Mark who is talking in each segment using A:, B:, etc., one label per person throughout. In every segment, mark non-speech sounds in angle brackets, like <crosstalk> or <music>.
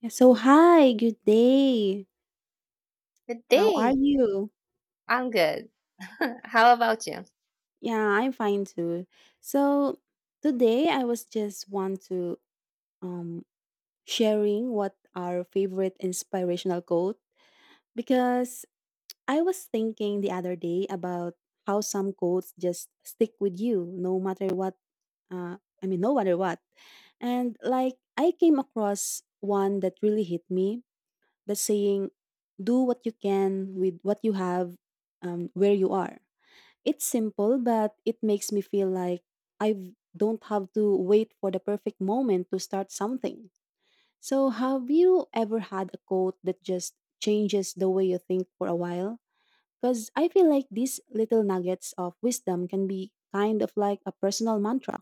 A: Yeah, so hi, good day.
B: Good
A: How are
B: day.
A: you?
B: I'm good. <laughs> How about you?
A: Yeah, I'm fine too. So today I was just want to um sharing what our favorite inspirational quote because I was thinking the other day about how some quotes just stick with you no matter what, no matter what. And like I came across one that really hit me, the saying, do what you can with what you have where you are. It's simple, but it makes me feel like I don't have to wait for the perfect moment to start something. So, have you ever had a quote that just changes the way you think for a while? Because I feel like these little nuggets of wisdom can be kind of like a personal mantra.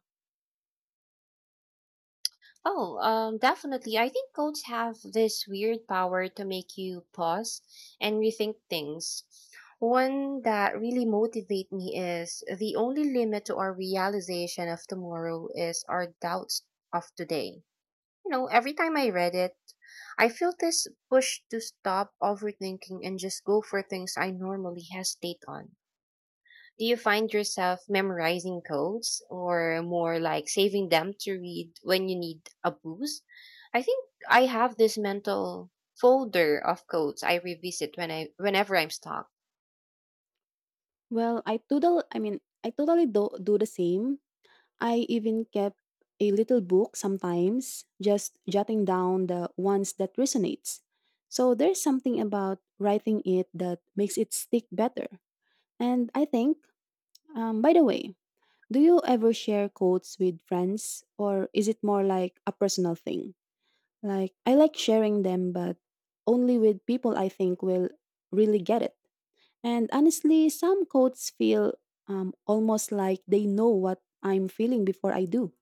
B: Oh, Definitely. I think goats have this weird power to make you pause and rethink things. One that really motivates me is the only limit to our realization of tomorrow is our doubts of today. You know, every time I read it, I feel this push to stop overthinking and just go for things I normally hesitate on. Do you find yourself memorizing codes or more like saving them to read when you need a boost? I think I have this mental folder of codes I revisit whenever I'm stuck.
A: Well, I totally do the same. I even kept a little book sometimes, just jotting down the ones that resonates. So there's something about writing it that makes it stick better. And I think, by the way, do you ever share quotes with friends, or is it more like a personal thing? Like, I like sharing them, but only with people I think will really get it. And honestly, some quotes feel almost like they know what I'm feeling before I do.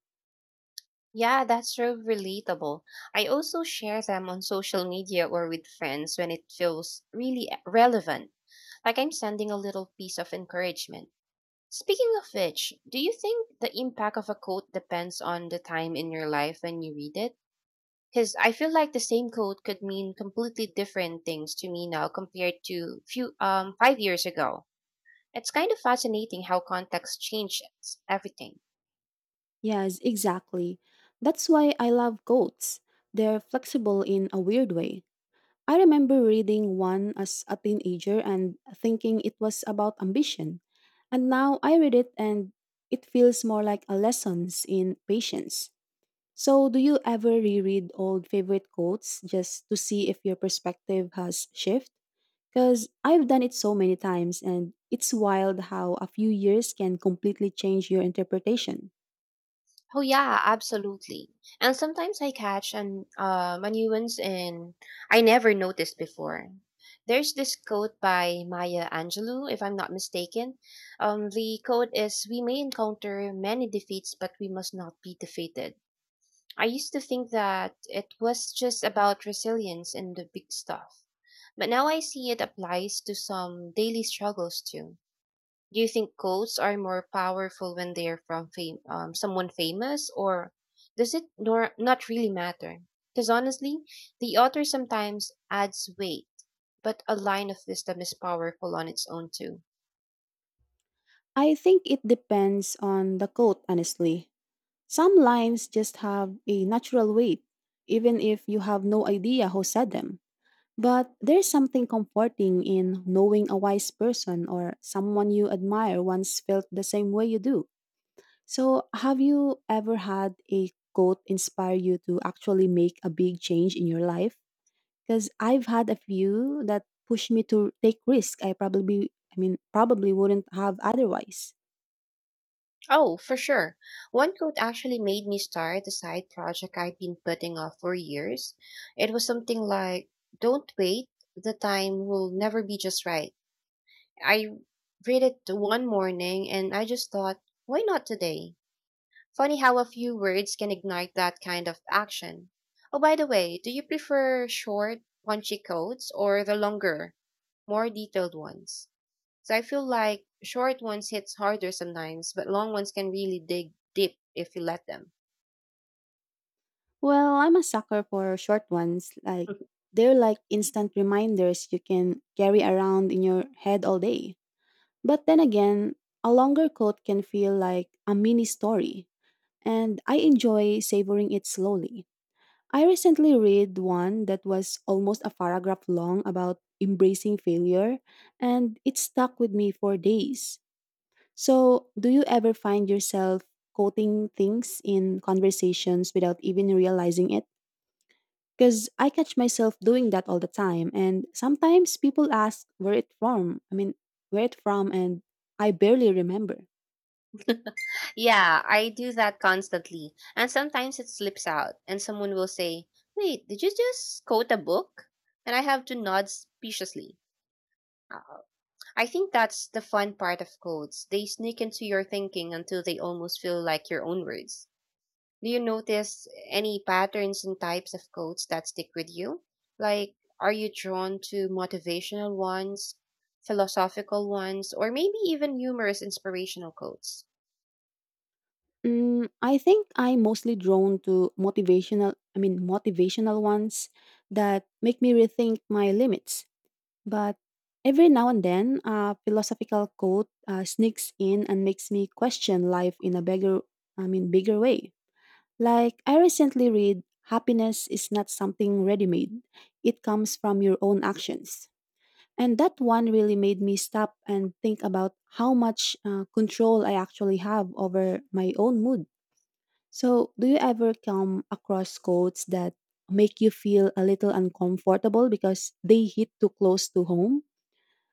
B: Yeah, that's so relatable. I also share them on social media or with friends when it feels really relevant, like I'm sending a little piece of encouragement. Speaking of which, do you think the impact of a quote depends on the time in your life when you read it? Because I feel like the same code could mean completely different things to me now compared to few 5 years ago. It's kind of fascinating how context changes everything.
A: Yes, exactly. That's why I love goats. They're flexible in a weird way. I remember reading one as a teenager and thinking it was about ambition. And now I read it and it feels more like a lessons in patience. So, do you ever reread old favorite quotes just to see if your perspective has shifted? Because I've done it so many times and it's wild how a few years can completely change your interpretation.
B: Oh yeah, absolutely. And sometimes I catch an a nuance in I never noticed before. There's this quote by Maya Angelou, if I'm not mistaken. The quote is, "We may encounter many defeats, but we must not be defeated." I used to think that it was just about resilience and the big stuff, but now I see it applies to some daily struggles too. Do you think quotes are more powerful when they're from someone famous, or does it not really matter? Because honestly, the author sometimes adds weight, but a line of wisdom is powerful on its own too.
A: I think it depends on the coat, honestly. Some lines just have a natural weight, even if you have no idea who said them. But there's something comforting in knowing a wise person or someone you admire once felt the same way you do. So, have you ever had a quote inspire you to actually make a big change in your life? Because I've had a few that pushed me to take risk I probably, I mean, probably wouldn't have otherwise.
B: Oh, for sure. One quote actually made me start a side project I'd been putting off for years. It was something like, don't wait, the time will never be just right. I read it one morning and I just thought, why not today? Funny how a few words can ignite that kind of action. Oh, by the way, do you prefer short, punchy quotes or the longer, more detailed ones? So I feel like short ones hits harder sometimes, but long ones can really dig deep if you let them.
A: Well, I'm a sucker for short ones. Like,
B: <laughs>
A: they're like instant reminders you can carry around in your head all day. But then again, a longer quote can feel like a mini story, and I enjoy savoring it slowly. I recently read one that was almost a paragraph long about embracing failure, and it stuck with me for days. So, do you ever find yourself quoting things in conversations without even realizing it? Because I catch myself doing that all the time. And sometimes people ask where it from, and I barely remember.
B: Yeah, I do that constantly. And sometimes it slips out, and someone will say, wait, did you just quote a book? And I have to nod speciously. Uh, I think that's the fun part of quotes. They sneak into your thinking until they almost feel like your own words. Do you notice any patterns and types of quotes that stick with you? Like, are you drawn to motivational ones, philosophical ones, or maybe even humorous inspirational quotes?
A: Mm, I think I'm mostly drawn to motivational ones that make me rethink my limits. But every now and then, a philosophical quote sneaks in and makes me question life in a bigger way. Like, I recently read, Happiness is not something ready made, it comes from your own actions. And that one really made me stop and think about how much control I actually have over my own mood. So, do you ever come across quotes that make you feel a little uncomfortable because they hit too close to home?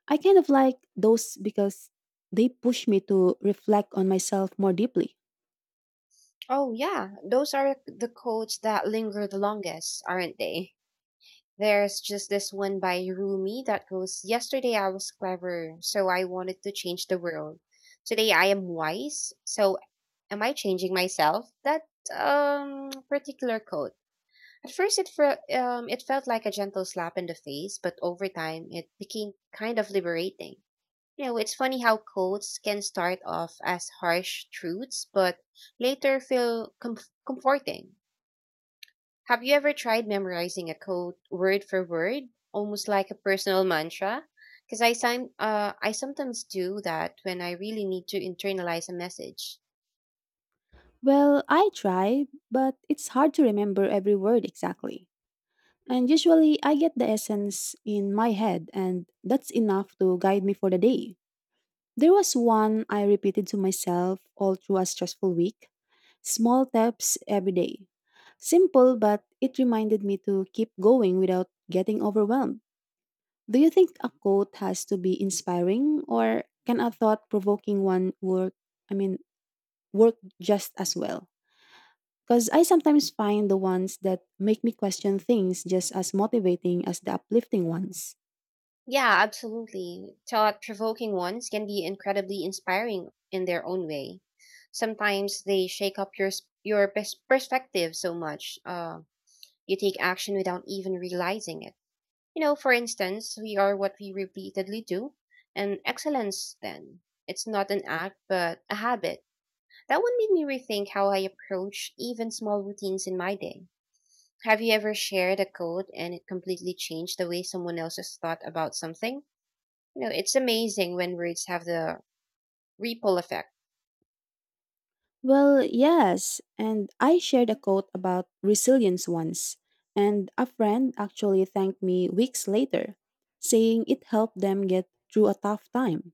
A: I kind of like those because they push me to reflect on myself more deeply.
B: Oh, yeah, those are the quotes that linger the longest, aren't they? There's just this one by Rumi that goes, yesterday I was clever, so I wanted to change the world. Today I am wise, so am I changing myself? That particular quote At first, it felt like a gentle slap in the face, but over time, it became kind of liberating. You know, it's funny how quotes can start off as harsh truths, but later feel comforting. Have you ever tried memorizing a quote word for word, almost like a personal mantra? Because I sometimes do that when I really need to internalize a message.
A: Well, I try, but it's hard to remember every word exactly. And usually I get the essence in my head, and that's enough to guide me for the day. There was one I repeated to myself all through a stressful week, small steps every day. Simple, but it reminded me to keep going without getting overwhelmed. Do you think a quote has to be inspiring, or can a thought provoking one I mean, work just as well? Because I sometimes find the ones that make me question things just as motivating as the uplifting ones.
B: Yeah, absolutely. Thought provoking ones can be incredibly inspiring in their own way. Sometimes they shake up your perspective so much, you take action without even realizing it. You know, for instance, we are what we repeatedly do, and excellence then. It's not an act, but a habit. That one made me rethink how I approach even small routines in my day. Have you ever shared a code and it completely changed the way someone else has thought about something? You know, it's amazing when words have the ripple effect.
A: Well, yes, and I shared a quote about resilience once, and a friend actually thanked me weeks later, saying it helped them get through a tough time.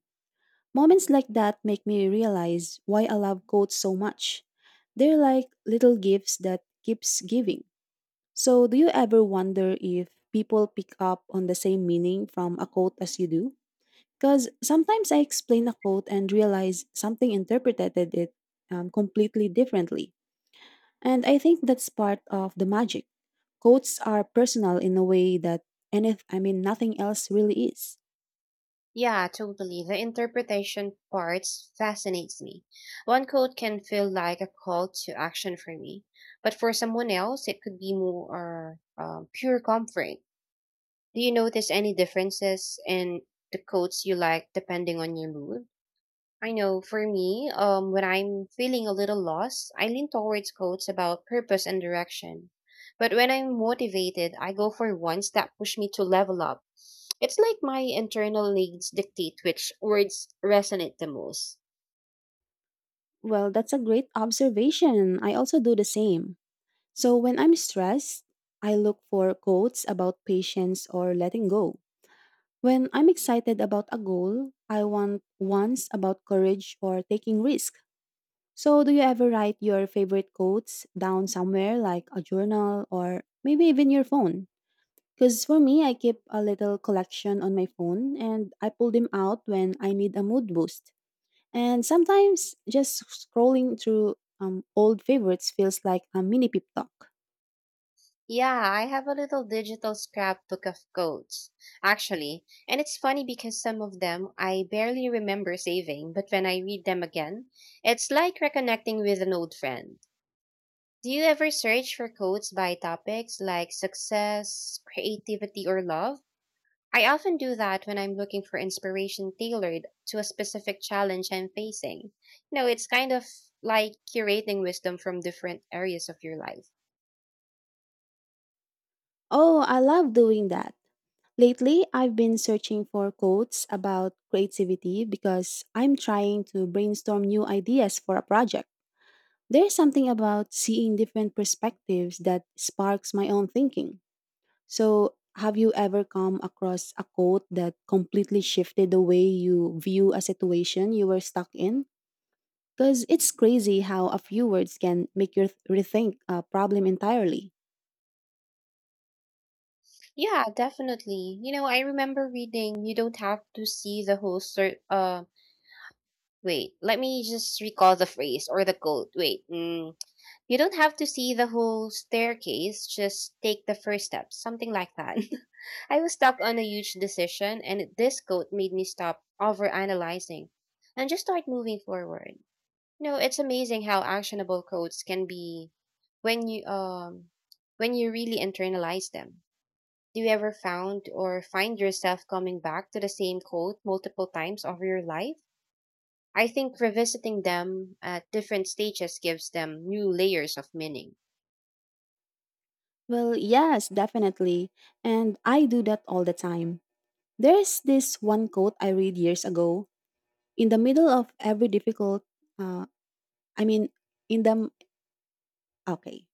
A: Moments like that make me realize why I love quotes so much. They're like little gifts that keeps giving. So, do you ever wonder if people pick up on the same meaning from a quote as you do? Because sometimes I explain a quote and realize something interpreted it completely differently. And I think that's part of the magic. Quotes are personal in a way that any I mean nothing else really is.
B: Yeah, totally. The interpretation parts fascinates me. One quote can feel like a call to action for me, but for someone else, it could be more pure comfort. Do you notice any differences in the quotes you like depending on your mood? I know for me, when I'm feeling a little lost, I lean towards quotes about purpose and direction. But when I'm motivated, I go for ones that push me to level up. It's like my internal needs dictate which words resonate the most.
A: Well, that's a great observation. I also do the same. So when I'm stressed, I look for quotes about patience or letting go. When I'm excited about a goal, I want ones about courage or taking risk. So, do you ever write your favorite quotes down somewhere like a journal or maybe even your phone? Because for me, I keep a little collection on my phone and I pull them out when I need a mood boost. And sometimes just scrolling through old favorites feels like a mini pep talk.
B: Yeah, I have a little digital scrapbook of quotes, actually. And it's funny because some of them I barely remember saving, but when I read them again, it's like reconnecting with an old friend. Do you ever search for quotes by topics like success, creativity, or love? I often do that when I'm looking for inspiration tailored to a specific challenge I'm facing. You know, it's kind of like curating wisdom from different areas of your life.
A: Oh, I love doing that. Lately, I've been searching for quotes about creativity because I'm trying to brainstorm new ideas for a project. There's something about seeing different perspectives that sparks my own thinking. So, have you ever come across a quote that completely shifted the way you view a situation you were stuck in? Because it's crazy how a few words can make you rethink a problem entirely.
B: Yeah, definitely. You know, I remember reading you don't have to see wait, let me just recall the phrase or the quote. Wait. You don't have to see the whole staircase, just take the first step, something like that. <laughs> I was stuck on a huge decision, and this quote made me stop overanalyzing and just start moving forward. You know, it's amazing how actionable quotes can be when you um when you really internalize them. Do you ever found or find yourself coming back to the same quote multiple times over your life? I think revisiting them at different stages gives them new layers of meaning.
A: Well, yes, definitely. And I do that all the time. There's this one quote I read years ago. In the middle of every difficult, uh, I mean, in the, okay,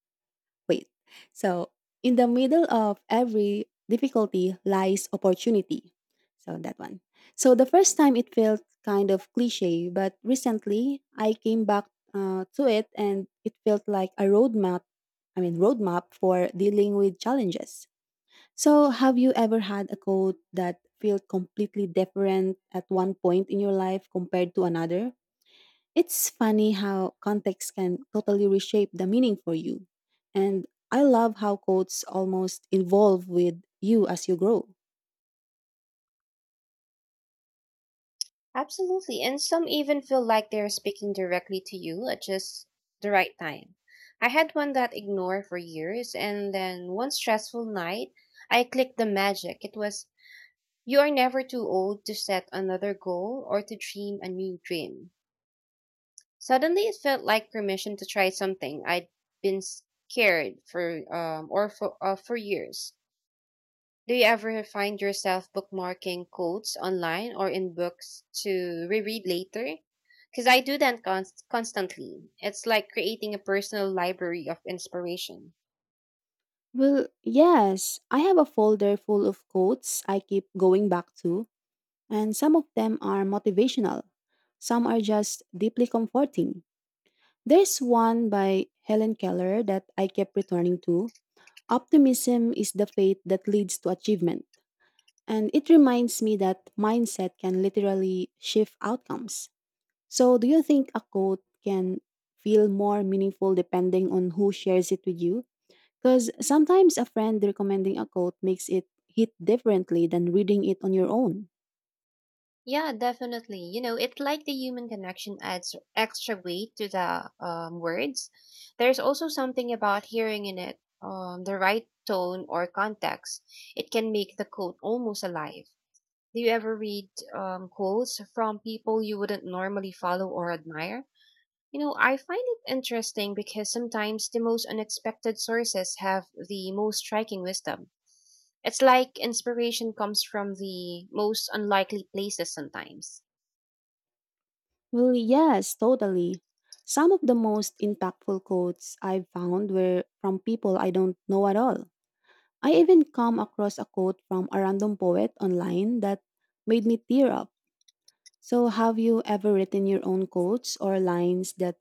A: Wait. So, In the middle of every difficulty lies opportunity. So, that one. So, the first time it felt kind of cliche, but recently I came back to it and it felt like a roadmap for dealing with challenges. So, have you ever had a quote that felt completely different at one point in your life compared to another? It's funny how context can totally reshape the meaning for you. And I love how quotes almost evolve with you as you grow.
B: Absolutely. And some even feel like they're speaking directly to you at just the right time. I had one that ignored for years, and then one stressful night, I clicked the magic. It was, you are never too old to set another goal or to dream a new dream. Suddenly, it felt like permission to try something I'd been scared for years. Do you ever find yourself bookmarking quotes online or in books to reread later? Because I do that constantly. It's like creating a personal library of inspiration.
A: Well, yes, I have a folder full of quotes I keep going back to, and some of them are motivational. Some are just deeply comforting. There's one by Helen Keller that I kept returning to, Optimism is the faith that leads to achievement. And it reminds me that mindset can literally shift outcomes. So, do you think a quote can feel more meaningful depending on who shares it with you? Because sometimes a friend recommending a quote makes it hit differently than reading it on your own.
B: Yeah, definitely. You know, it's like the human connection adds extra weight to the words. There's also something about hearing in it the right tone or context. It can make the quote almost alive. Do you ever read quotes from people you wouldn't normally follow or admire? You know, I find it interesting because sometimes the most unexpected sources have the most striking wisdom. It's like inspiration comes from the most unlikely places sometimes.
A: Well, yes, totally. Some of the most impactful quotes I've found were from people I don't know at all. I even come across a quote from a random poet online that made me tear up. So, have you ever written your own quotes or lines that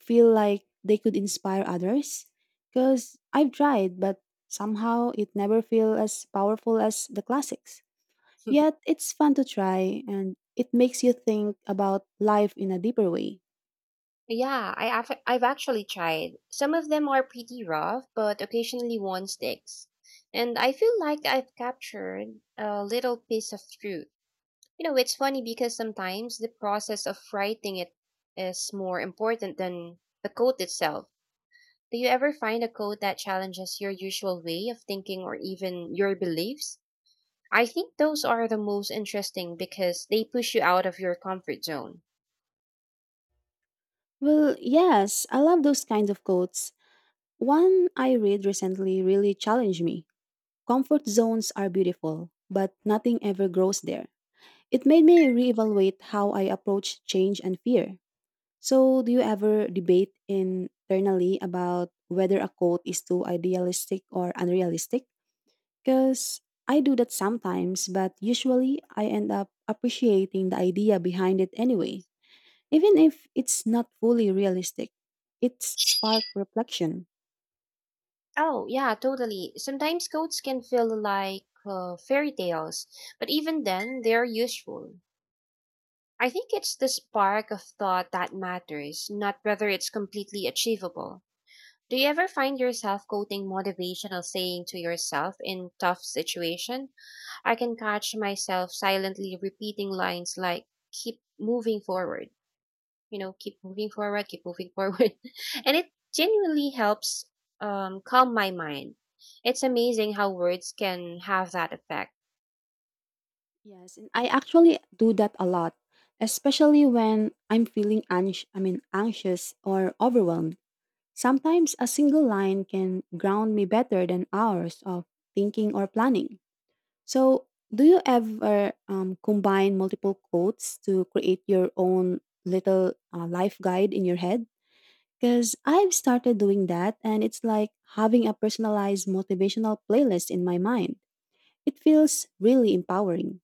A: feel like they could inspire others? Because I've tried, but somehow it never feels as powerful as the classics.
B: <laughs>
A: Yet, it's fun to try and it makes you think about life in a deeper way.
B: I've actually tried. Some of them are pretty rough, but occasionally one sticks. And I feel like I've captured a little piece of truth. You know, it's funny because sometimes the process of writing it is more important than the code itself. Do you ever find a code that challenges your usual way of thinking or even your beliefs? I think those are the most interesting because they push you out of your comfort zone.
A: Well, yes, I love those kinds of quotes. One I read recently really challenged me. Comfort zones are beautiful, but nothing ever grows there. It made me reevaluate how I approach change and fear. So, do you ever debate internally about whether a quote is too idealistic or unrealistic? Because I do that sometimes, but usually I end up appreciating the idea behind it anyway, even if it's not fully realistic. It's spark reflection.
B: Oh, yeah, totally. Sometimes codes can feel like fairy tales, but even then, they're useful. I think it's the spark of thought that matters, not whether it's completely achievable. Do you ever find yourself quoting motivational saying to yourself in tough situation? I can catch myself silently repeating lines like keep moving forward. You know, keep moving forward, keep moving <laughs> forward. And it genuinely helps calm my mind. It's amazing how words can have that effect.
A: Yes, and I actually do that a lot, especially when I'm feeling anxious or overwhelmed. Sometimes a single line can ground me better than hours of thinking or planning. So, do you ever combine multiple quotes to create your own little life guide in your head? Because I've started doing that, and it's like having a personalized motivational playlist in my mind. It feels really empowering.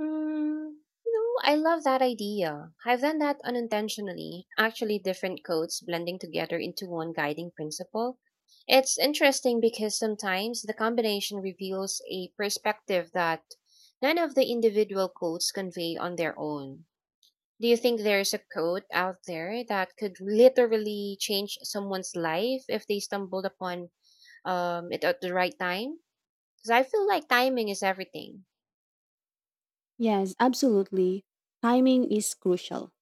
B: Mm, no, I love that idea. I've done that unintentionally. Actually, different codes blending together into one guiding principle. It's interesting because sometimes the combination reveals a perspective that none of the individual codes convey on their own. Do you think there's a code out there that could literally change someone's life if they stumbled upon it at the right time? Because I feel like timing is everything.
A: Yes, absolutely. Timing is crucial.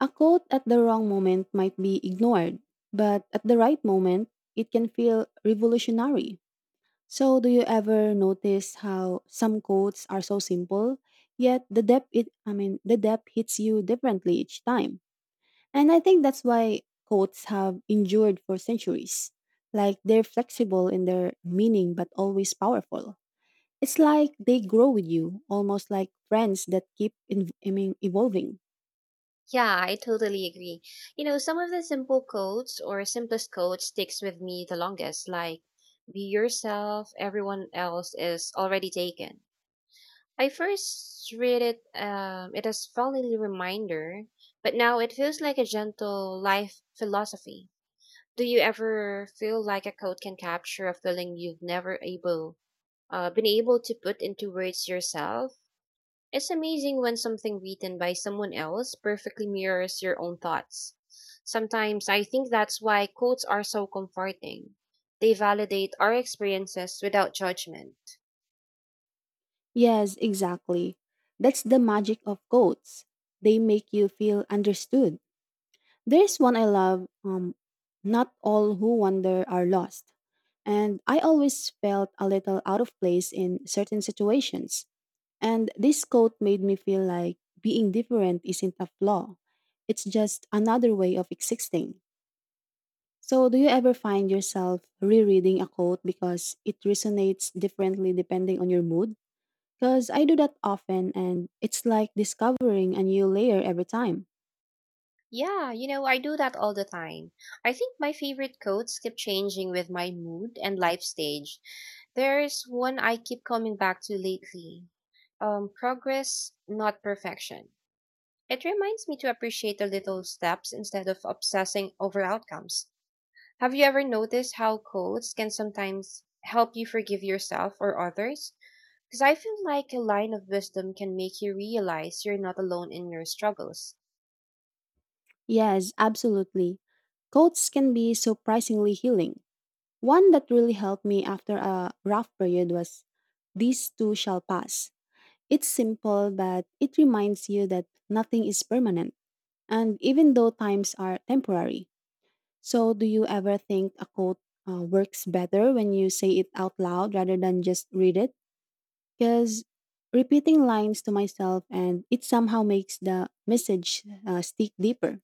A: A quote at the wrong moment might be ignored, but at the right moment, it can feel revolutionary. So, do you ever notice how some quotes are so simple, yet the depth it I mean, the depth hits you differently each time? And I think that's why quotes have endured for centuries. Like they're flexible in their meaning but always powerful. It's like they grow with you, almost like friends that keep in, I mean, evolving.
B: Yeah, I totally agree. You know, some of the simplest quotes sticks with me the longest, like be yourself, everyone else is already taken. I first read it it as friendly reminder, but now it feels like a gentle life philosophy. Do you ever feel like a quote can capture a feeling you've never able been able to put into words yourself? It's amazing when something written by someone else perfectly mirrors your own thoughts. Sometimes I think that's why quotes are so comforting. They validate our experiences without judgment.
A: Yes, exactly. That's the magic of quotes. They make you feel understood. There's one I love, not all who wander are lost. And I always felt a little out of place in certain situations. And this quote made me feel like being different isn't a flaw. It's just another way of existing. So, do you ever find yourself rereading a quote because it resonates differently depending on your mood? Because I do that often, and it's like discovering a new layer every time.
B: Yeah, you know, I do that all the time. I think my favorite quotes keep changing with my mood and life stage. There's one I keep coming back to lately. Progress, not perfection. It reminds me to appreciate the little steps instead of obsessing over outcomes. Have you ever noticed how quotes can sometimes help you forgive yourself or others? Because I feel like a line of wisdom can make you realize you're not alone in your struggles.
A: Yes, absolutely. Quotes can be surprisingly healing. One that really helped me after a rough period was "These too Shall Pass." It's simple, but it reminds you that nothing is permanent, and even though times are temporary. So, do you ever think a quote works better when you say it out loud rather than just read it? Because repeating lines to myself and it somehow makes the message stick deeper.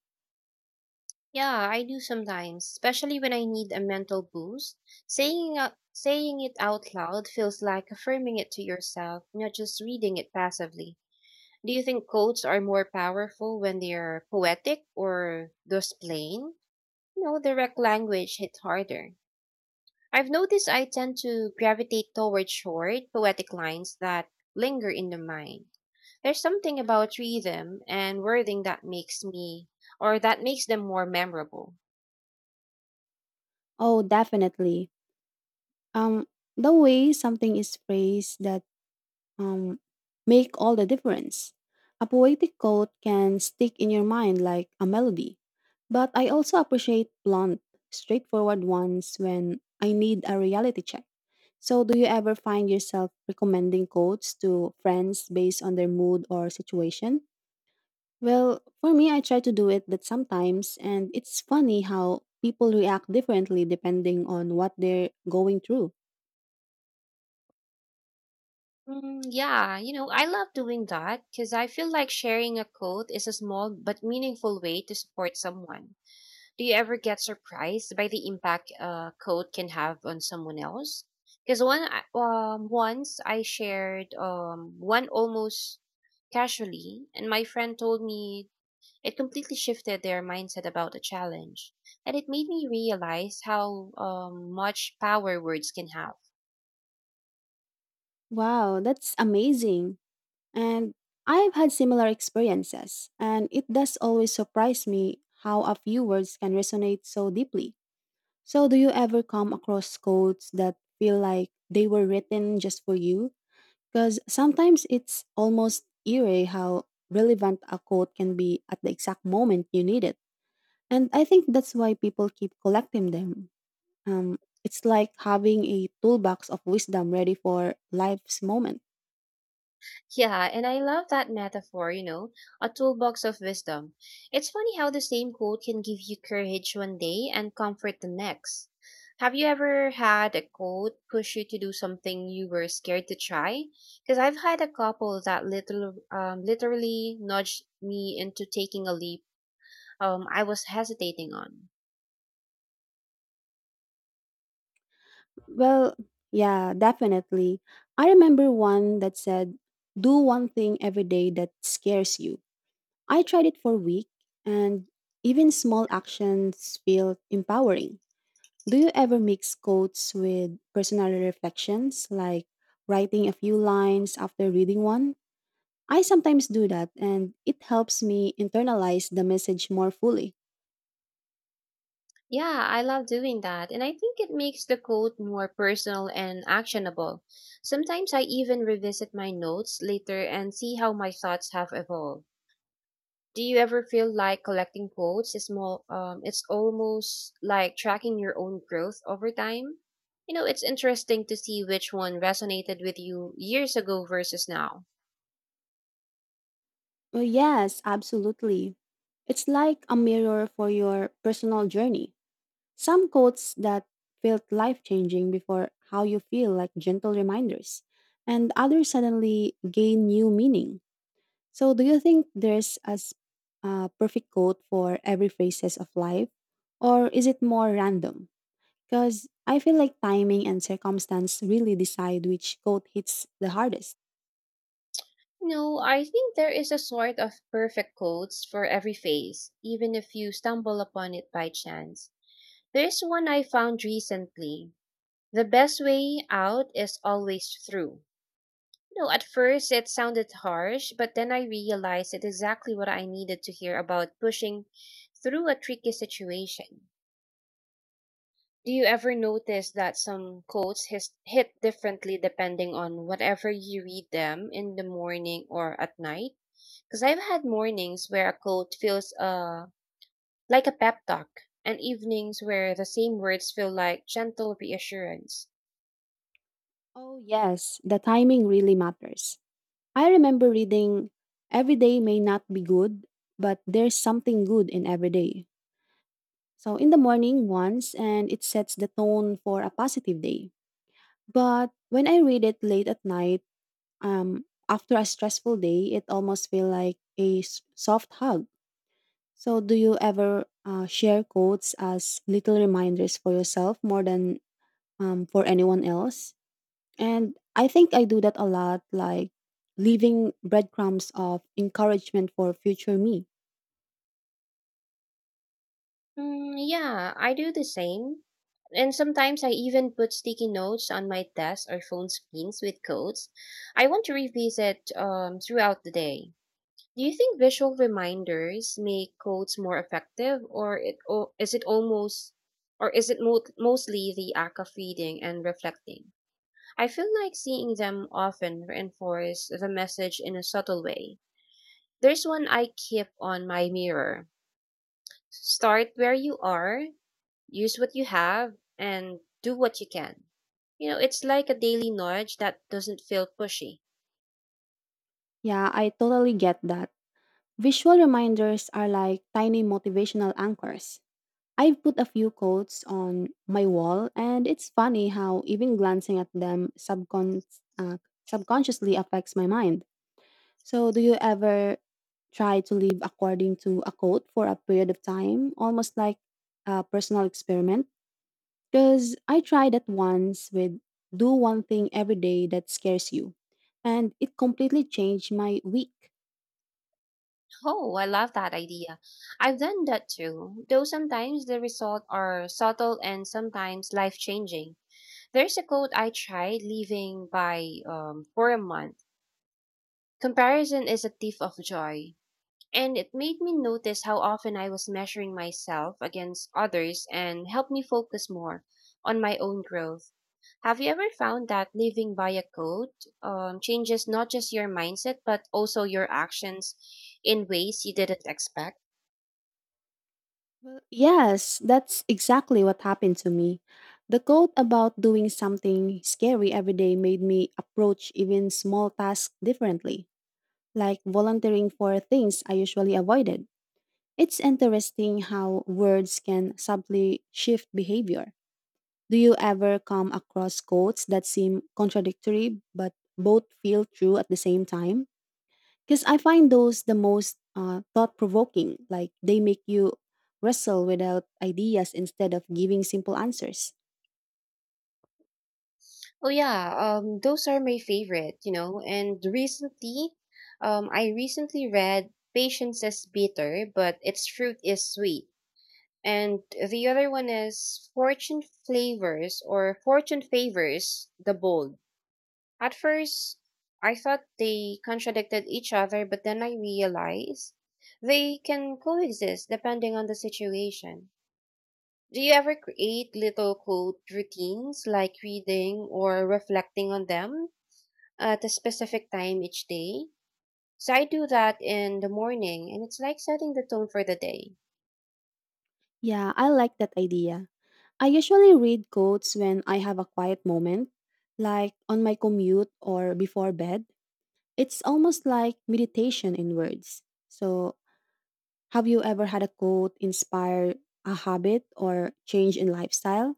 B: Yeah, I do sometimes, especially when I need a mental boost. Saying it out loud feels like affirming it to yourself, not just reading it passively. Do you think quotes are more powerful when they are poetic or just plain? You know, direct language hit harder. I've noticed I tend to gravitate toward short, poetic lines that linger in the mind. There's something about rhythm and wording that makes me, or that makes them more memorable.
A: Oh, definitely. Um, the way something is phrased that um make all the difference. A poetic quote can stick in your mind like a melody, but I also appreciate blunt, straightforward ones when I need a reality check. So, do you ever find yourself recommending quotes to friends based on their mood or situation? Well, for me, I try to do it but sometimes, and it's funny how people react differently depending on what they're going through.
B: Mm, yeah, you know, I love doing that because I feel like sharing a quote is a small but meaningful way to support someone. Do you ever get surprised by the impact a coat can have on someone else? Once I shared one almost casually, and my friend told me it completely shifted their mindset about the challenge, and it made me realize how much power words can have.
A: Wow, that's amazing. And I've had similar experiences, and it does always surprise me how a few words can resonate so deeply. So, do you ever come across quotes that feel like they were written just for you? Because sometimes it's almost eerie how relevant a quote can be at the exact moment you need it. And I think that's why people keep collecting them. Um, it's like having a toolbox of wisdom ready for life's moment.
B: Yeah, and I love that metaphor, you know, a toolbox of wisdom. It's funny how the same quote can give you courage one day and comfort the next. Have you ever had a quote push you to do something you were scared to try? Because I've had a couple that literally nudged me into taking a leap I was hesitating on.
A: Well, yeah, definitely. I remember one that said, "Do one thing every day that scares you." I tried it for a week, and even small actions feel empowering. Do you ever mix quotes with personal reflections, like writing a few lines after reading one? I sometimes do that, and it helps me internalize the message more fully.
B: Yeah, I love doing that. And I think it makes the quote more personal and actionable. Sometimes I even revisit my notes later and see how my thoughts have evolved. Do you ever feel like collecting quotes is it's almost like tracking your own growth over time? You know, it's interesting to see which one resonated with you years ago versus now.
A: Oh, yes, absolutely. It's like a mirror for your personal journey. Some quotes that felt life changing before how you feel, like gentle reminders, and others suddenly gain new meaning. So, do you think there's a a perfect quote for every phases of life, or is it more random? Because I feel like timing and circumstance really decide which quote hits the hardest.
B: No, I think there is a sort of perfect quotes for every phase, even if you stumble upon it by chance. There's one I found recently. The best way out is always through. You know, at first it sounded harsh, but then I realized it's exactly what I needed to hear about pushing through a tricky situation. Do you ever notice that some hit differently depending on whatever you read them in the morning or at night? Because I've had mornings where a quote feels like a pep talk, and evenings where the same words feel like gentle reassurance.
A: Oh, yes, the timing really matters. I remember reading, "Every day may not be good, but there's something good in every day." So in the morning once, and it sets the tone for a positive day. But when I read it late at night, after a stressful day, it almost feels like a soft hug. So, do you ever share quotes as little reminders for yourself more than for anyone else? And I think I do that a lot, like leaving breadcrumbs of encouragement for future me.
B: Mm, yeah, I do the same. And sometimes I even put sticky notes on my desk or phone screens with codes I want to revisit throughout the day. Do you think visual reminders make codes more effective, or it or is it almost, or is it mostly the act of reading and reflecting? I feel like seeing them often reinforce the message in a subtle way. There's one I keep on my mirror. Start where you are. Use what you have and do what you can. You know, it's like a daily nudge that doesn't feel pushy.
A: Yeah, I totally get that. Visual reminders are like tiny motivational anchors. I've put a few quotes on my wall, and it's funny how even glancing at them uh, subconsciously affects my mind. So, do you ever try to live according to a code for a period of time, almost like a personal experiment? Because I tried that once with "do one thing every day that scares you," and it completely changed my week.
B: Oh, I love that idea. I've done that too, though sometimes the results are subtle and sometimes life changing. There's a quote I tried leaving by for a month. Comparison is a thief of joy. And it made me notice how often I was measuring myself against others and helped me focus more on my own growth. Have you ever found that living by a code changes not just your mindset, but also your actions in ways you didn't expect?
A: Well, yes, that's exactly what happened to me. The code about doing something scary every day made me approach even small tasks differently, like volunteering for things I usually avoided. It's interesting how words can subtly shift behavior. Do you ever come across quotes that seem contradictory but both feel true at the same time? Because I find those the most thought provoking, like they make you wrestle without ideas instead of giving simple answers.
B: Oh, yeah, those are my favorite, you know. I recently read, Patience is Bitter, but Its Fruit is Sweet. And the other one is fortune flavors or fortune favors the bold. At first, I thought they contradicted each other, but then I realized they can coexist depending on the situation. Do you ever create little quote routines like reading or reflecting on them at a specific time each day? So I do that in the morning, and it's like setting the tone for the day.
A: Yeah, I like that idea. I usually read quotes when I have a quiet moment, like on my commute or before bed. It's almost like meditation in words. So, have you ever had a quote inspire a habit or change in lifestyle?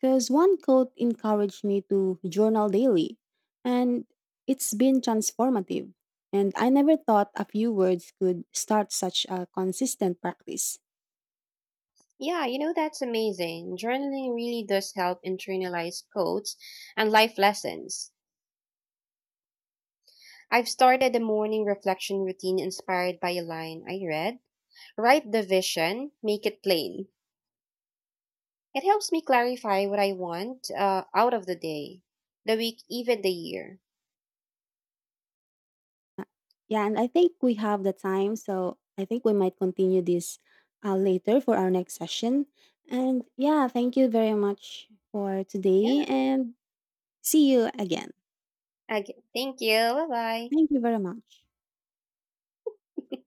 A: Because one quote encouraged me to journal daily, and it's been transformative. And I never thought a few words could start such a consistent practice.
B: Yeah, you know, that's amazing. Journaling really does help internalize quotes and life lessons. I've started a morning reflection routine inspired by a line I read. Write the vision, make it plain. It helps me clarify what I want out of the day, the week, even the year.
A: Yeah, and I think we have the time, so I think we might continue this later for our next session. And yeah, thank you very much for today.
B: Yeah,
A: And see you again.
B: okay. Thank you. Bye
A: Thank you very much.
B: bye. <laughs>